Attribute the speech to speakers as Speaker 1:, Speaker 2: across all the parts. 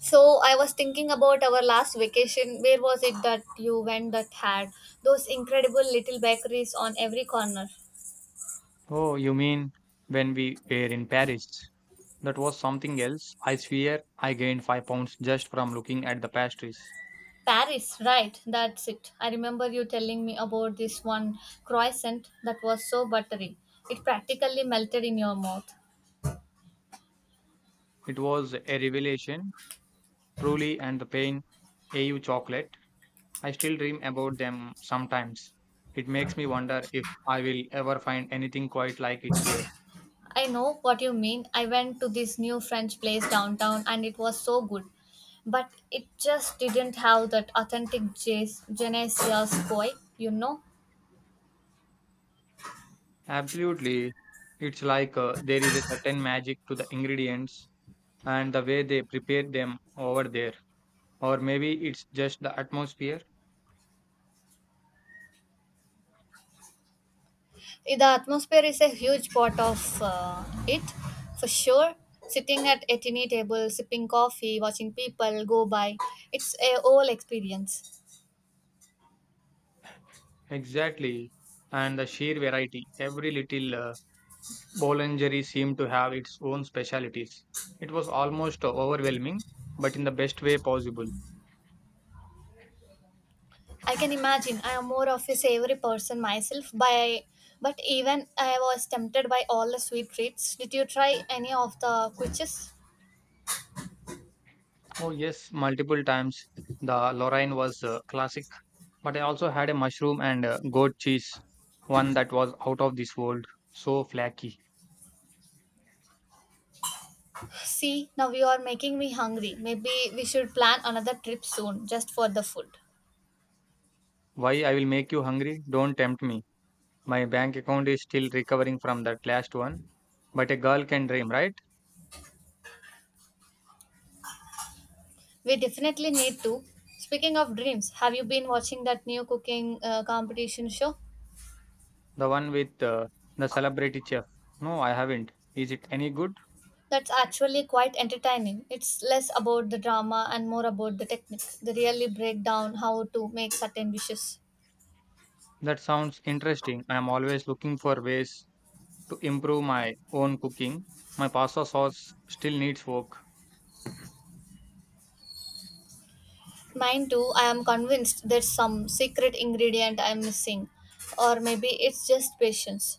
Speaker 1: So I was thinking about our last vacation. Where was it that you went that had those incredible little bakeries on every corner?
Speaker 2: Oh, you mean when we were in Paris? That was something else. I swear I gained 5 pounds just from looking at the pastries.
Speaker 1: Paris, right? That's it. I remember you telling me about this one croissant that was so buttery. It practically melted in your mouth.
Speaker 2: It was a revelation, truly, and the pain. AU chocolate. I still dream about them sometimes. It makes me wonder if I will ever find anything quite like it here.
Speaker 1: I know what you mean. I went to this new French place downtown and it was so good. But it just didn't have that authentic je ne sais quoi, you know?
Speaker 2: Absolutely. It's like there is a certain magic to the ingredients and the way they prepare them over there. Or maybe it's just the atmosphere.
Speaker 1: The atmosphere is a huge part of it, for sure, sitting at a tiny table sipping coffee watching people go by. It's a whole experience.
Speaker 2: Exactly. And the sheer variety. Every little boulangerie seemed to have its own specialities. It was almost overwhelming, but in the best way possible.
Speaker 1: I can imagine. I am more of a savory person myself by, but even I was tempted by all the sweet treats. Did you try any of the quiches?
Speaker 2: Oh, yes, multiple times. The Lorraine was classic, but I also had a mushroom and goat cheese, one that was out of this world, so flaky.
Speaker 1: See, now you are making me hungry. Maybe we should plan another trip soon just for the food.
Speaker 2: Why I will make you hungry? Don't tempt me. My bank account is still recovering from that last one, but a girl can dream, right?
Speaker 1: We definitely need to. Speaking of dreams, have you been watching that new cooking competition show?
Speaker 2: The one with the celebrity chef. No, I haven't. Is it any good?
Speaker 1: That's actually quite entertaining. It's less about the drama and more about the technique. They really break down how to make certain dishes.
Speaker 2: That sounds interesting. I am always looking for ways to improve my own cooking. My pasta sauce still needs work.
Speaker 1: Mine too. I am convinced there's some secret ingredient I'm missing, or maybe it's just patience.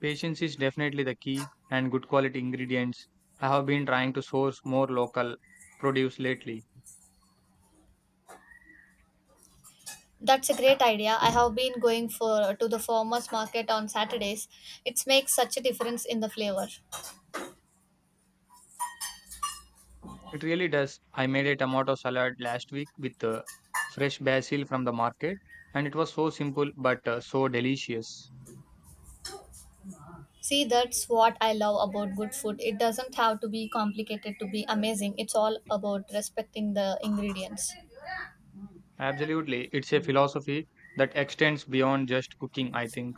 Speaker 2: Patience is definitely the key and good quality ingredients. I have been trying to source more local produce lately.
Speaker 1: That's a great idea. I have been going for to the farmers market on Saturdays. It makes such a difference in the flavor.
Speaker 2: It really does. I made a tomato salad last week with fresh basil from the market and it was so simple but so delicious.
Speaker 1: See, that's what I love about good food. It doesn't have to be complicated to be amazing. It's all about respecting the ingredients.
Speaker 2: Absolutely. It's a philosophy that extends beyond just cooking, I think.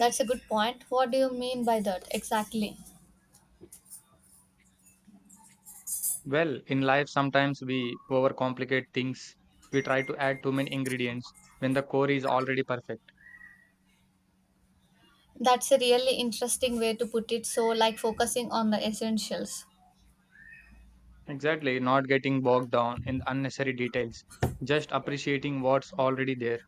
Speaker 1: That's a good point. What do you mean by that exactly?
Speaker 2: Well, in life, sometimes we overcomplicate things. We try to add too many ingredients when the core is already perfect.
Speaker 1: That's a really interesting way to put it. So, like focusing on the essentials.
Speaker 2: Exactly. Not getting bogged down in unnecessary details, just appreciating what's already there.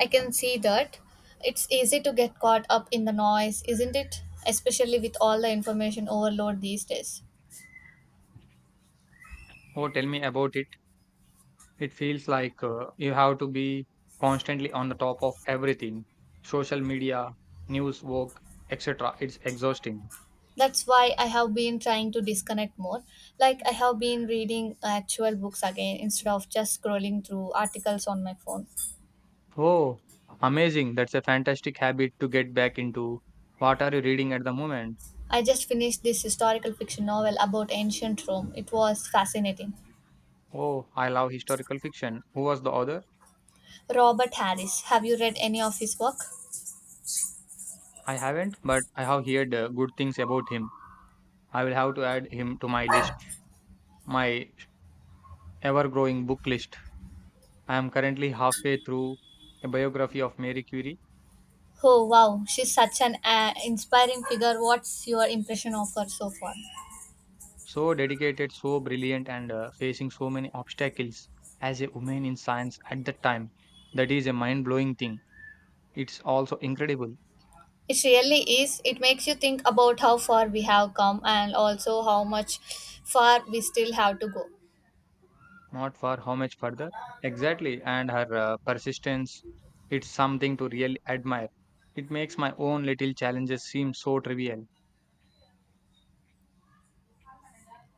Speaker 1: I can see that. It's easy to get caught up in the noise, isn't it? Especially with all the information overload these days.
Speaker 2: Oh, tell me about it. It feels like you have to be constantly on the top of everything social media, news, work, etc. It's exhausting.
Speaker 1: That's why I have been trying to disconnect more. Like I have been reading actual books again instead of just scrolling through articles on my phone.
Speaker 2: Oh, amazing. That's a fantastic habit to get back into. What are you reading at the moment?
Speaker 1: I just finished this historical fiction novel about ancient Rome. It was fascinating.
Speaker 2: Oh, I love historical fiction. Who was the author?
Speaker 1: Robert Harris, have you read any of his work?
Speaker 2: I haven't, but I have heard good things about him. I will have to add him to my list, my ever-growing book list. I am currently halfway through a biography of Mary Curie.
Speaker 1: Oh wow, she's such an inspiring figure. What's your impression of her so far?
Speaker 2: So dedicated, so brilliant, and facing so many obstacles as a woman in science at that time. That is a mind-blowing thing. It's also incredible.
Speaker 1: It really is. It makes you think about how far we have come and also how much far we still have to go.
Speaker 2: Not for how much further? Exactly. And her persistence, it's something to really admire. It makes my own little challenges seem so trivial.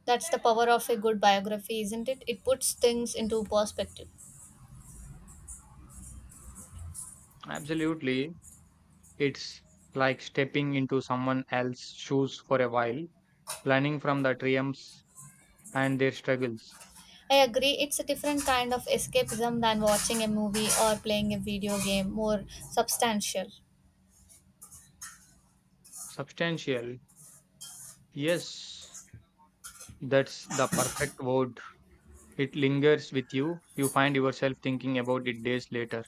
Speaker 1: That's the power of a good biography, isn't it? It puts things into perspective.
Speaker 2: Absolutely. It's like stepping into someone else's shoes for a while, learning from the triumphs and their struggles.
Speaker 1: I agree, it's a different kind of escapism than watching a movie or playing a video game, more substantial.
Speaker 2: Substantial. Yes, that's the perfect word. It lingers with you. You find yourself thinking about it days later.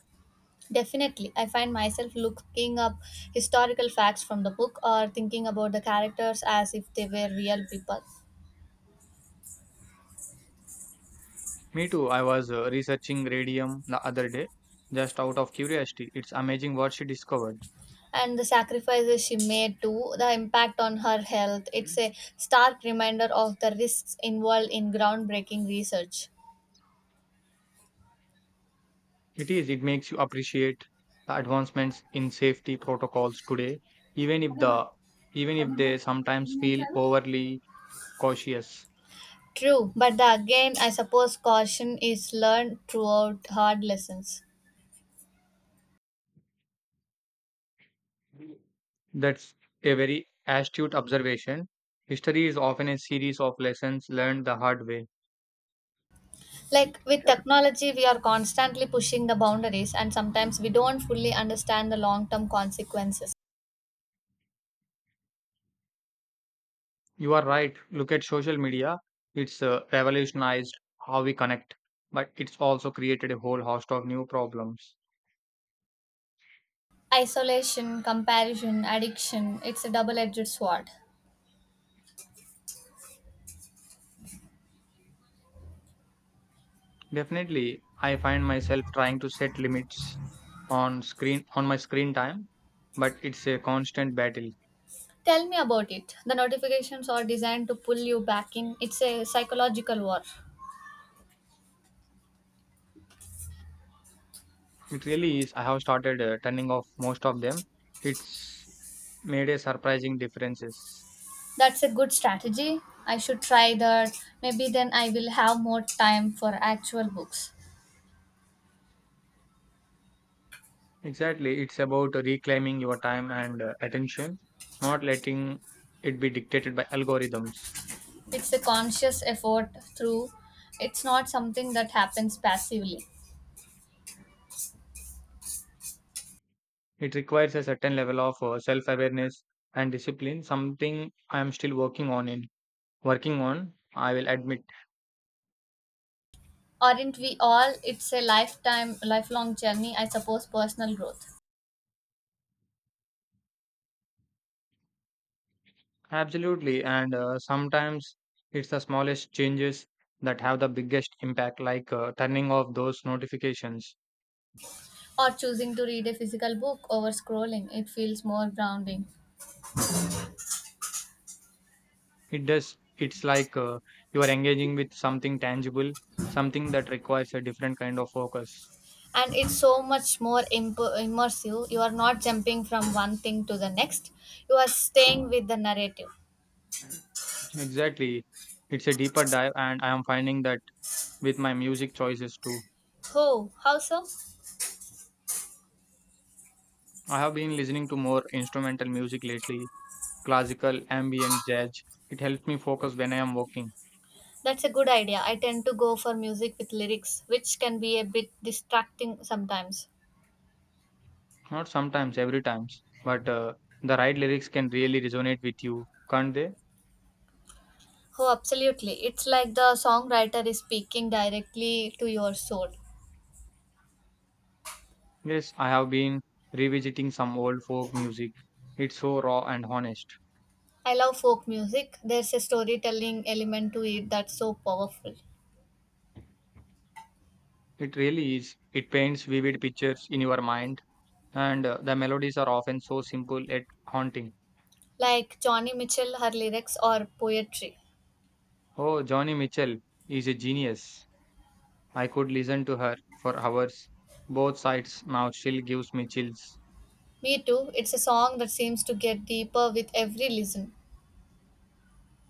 Speaker 1: Definitely, I find myself looking up historical facts from the book or thinking about the characters as if they were real people.
Speaker 2: Me too. I was researching radium the other day, just out of curiosity. It's amazing what she discovered.
Speaker 1: And the sacrifices she made too, the impact on her health. It's
Speaker 2: Mhm.
Speaker 1: a stark reminder of the risks involved in groundbreaking research.
Speaker 2: It is. It makes you appreciate the advancements in safety protocols today, even if the even if they sometimes feel overly cautious.
Speaker 1: True, but the again, I suppose caution is learned throughout hard lessons.
Speaker 2: That's a very astute observation. History is often a series of lessons learned the hard way.
Speaker 1: Like with technology, we are constantly pushing the boundaries, and sometimes we don't fully understand the long term consequences.
Speaker 2: You are right. Look at social media. It's revolutionized how we connect, but it's also created a whole host of new problems.
Speaker 1: Isolation, comparison, addiction, it's a double edged sword.
Speaker 2: Definitely, I find myself trying to set limits on my screen time, but it's a constant battle.
Speaker 1: Tell me about it. The notifications are designed to pull you back in, it's a psychological war.
Speaker 2: It really is. I have started turning off most of them. It's made a surprising differences.
Speaker 1: That's a good strategy. I should try that. Maybe then I will have more time for actual books.
Speaker 2: Exactly, it's about reclaiming your time and attention, not letting it be dictated by algorithms.
Speaker 1: It's a conscious effort through. It's not something that happens passively.
Speaker 2: It requires a certain level of self-awareness and discipline, something I am still working on in working on, I will admit.
Speaker 1: Aren't we all? It's a lifetime, lifelong journey, I suppose, personal growth.
Speaker 2: Absolutely, and sometimes it's the smallest changes that have the biggest impact, like turning off those notifications.
Speaker 1: Or choosing to read a physical book over scrolling. It feels more grounding.
Speaker 2: It does. It's like you are engaging with something tangible, something that requires a different kind of focus.
Speaker 1: And it's so much more immersive. You are not jumping from one thing to the next, you are staying with the narrative.
Speaker 2: Exactly. It's a deeper dive, and I am finding that with my music choices too.
Speaker 1: Oh, how so?
Speaker 2: I have been listening to more instrumental music lately, classical, ambient, jazz. It helps me focus when I am working.
Speaker 1: That's a good idea. I tend to go for music with lyrics, which can be a bit distracting sometimes.
Speaker 2: Not sometimes, every times, but the right lyrics can really resonate with you, can't they?
Speaker 1: Oh, absolutely. It's like the songwriter is speaking directly to your soul.
Speaker 2: Yes, I have been revisiting some old folk music. It's so raw and honest.
Speaker 1: I love folk music. There's a storytelling element to it that's so powerful.
Speaker 2: It really is. It paints vivid pictures in your mind, and the melodies are often so simple yet haunting.
Speaker 1: Like Johnny Mitchell, her lyrics or poetry.
Speaker 2: Oh, Johnny Mitchell is a genius. I could listen to her for hours. Both sides now still gives me chills.
Speaker 1: Me too. It's a song that seems to get deeper with every listen.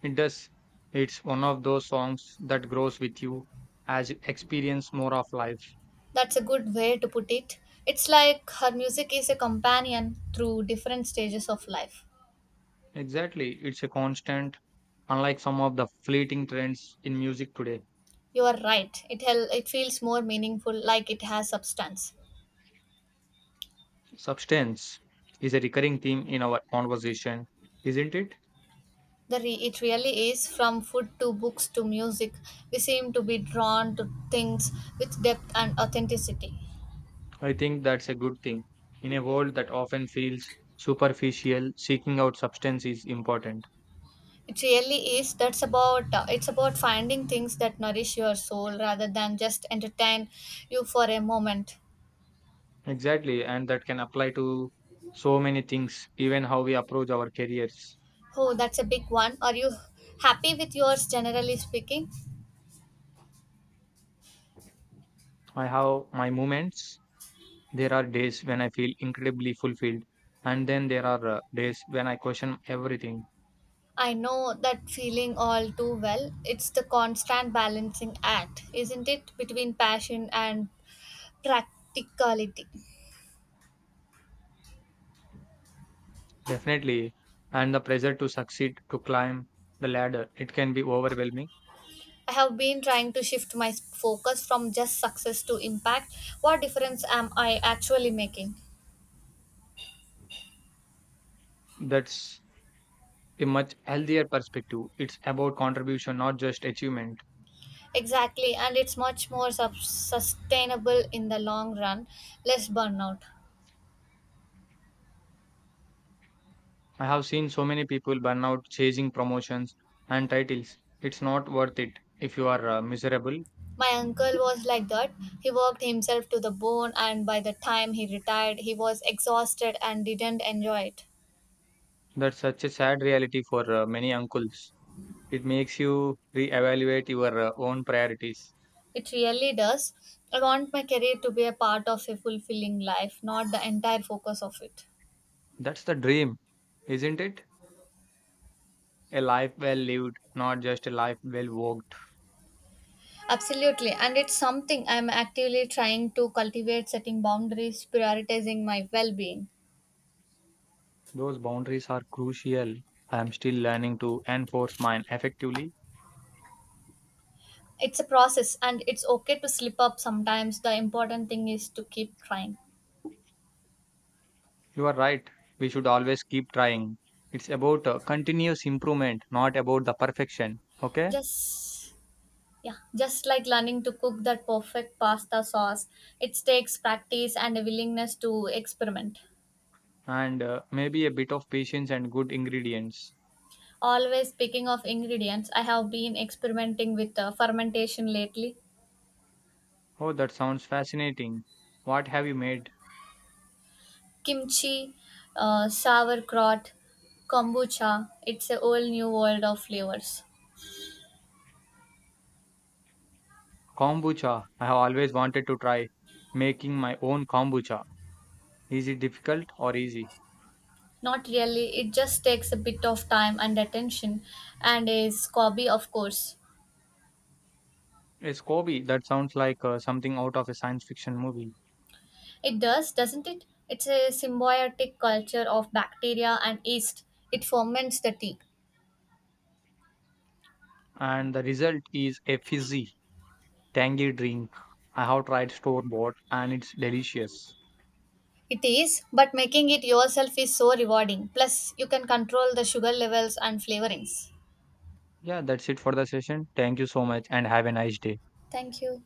Speaker 2: It does. It's one of those songs that grows with you as you experience more of life.
Speaker 1: That's a good way to put it. It's like her music is a companion through different stages of life.
Speaker 2: Exactly. It's a constant, unlike some of the fleeting trends in music today.
Speaker 1: You are right. It feels more meaningful like it has substance.
Speaker 2: Substance is a recurring theme in our conversation, isn't it?
Speaker 1: It really is, from food to books to music. We seem to be drawn to things with depth and authenticity.
Speaker 2: I think that's a good thing. In a world that often feels superficial, seeking out substance is important.
Speaker 1: It really is. That's about It's about finding things that nourish your soul rather than just entertain you for a moment.
Speaker 2: Exactly, and that can apply to so many things, even how we approach our careers.
Speaker 1: Oh, that's a big one. Are you happy with yours, generally speaking?
Speaker 2: I have my moments. There are days when I feel incredibly fulfilled, and then there are days when I question everything.
Speaker 1: I know that feeling all too well. It's the constant balancing act, isn't it, between passion and practicality?
Speaker 2: Definitely, and the pressure to succeed, to climb the ladder, it can be overwhelming.
Speaker 1: I have been trying to shift my focus from just success to impact. What difference am I actually making?
Speaker 2: That's a much healthier perspective. It's about contribution, not just achievement.
Speaker 1: Exactly, and it's much more sustainable in the long run, less burnout.
Speaker 2: I have seen so many people burn out chasing promotions and titles. It's not worth it if you are miserable.
Speaker 1: My uncle was like that. He worked himself to the bone, and by the time he retired, he was exhausted and didn't enjoy it.
Speaker 2: That's such a sad reality for many uncles. It makes you reevaluate your own priorities.
Speaker 1: It really does. I want my career to be a part of a fulfilling life, not the entire focus of it.
Speaker 2: That's the dream, isn't it? A life well lived, not just a life well walked.
Speaker 1: Absolutely. And it's something I'm actively trying to cultivate, setting boundaries, prioritizing my well being.
Speaker 2: Those boundaries are crucial. I am still learning to enforce mine effectively.
Speaker 1: It's a process, and it's okay to slip up sometimes. The important thing is to keep trying.
Speaker 2: You are right. We should always keep trying. It's about continuous improvement, not about the perfection. Okay?
Speaker 1: Just, yeah, just like learning to cook that perfect pasta sauce, it takes practice and a willingness to experiment.
Speaker 2: And maybe a bit of patience and good ingredients.
Speaker 1: Always speaking of ingredients, I have been experimenting with fermentation lately.
Speaker 2: Oh, that sounds fascinating. What have you made?
Speaker 1: Kimchi, sauerkraut, kombucha. It's a whole new world of flavors.
Speaker 2: Kombucha. I have always wanted to try making my own kombucha. Is it difficult or easy?
Speaker 1: Not really, it just takes a bit of time and attention, and is hobby, of course.
Speaker 2: It's Kobe. That sounds like something out of a science fiction movie.
Speaker 1: It does, doesn't it? It's a symbiotic culture of bacteria and yeast. It ferments the tea.
Speaker 2: And the result is a fizzy, tangy drink. I have tried store bought and it's delicious.
Speaker 1: It is, but making it yourself is so rewarding. Plus, you can control the sugar levels and flavorings.
Speaker 2: Yeah, that's it for the session. Thank you so much and have a nice day.
Speaker 1: Thank you.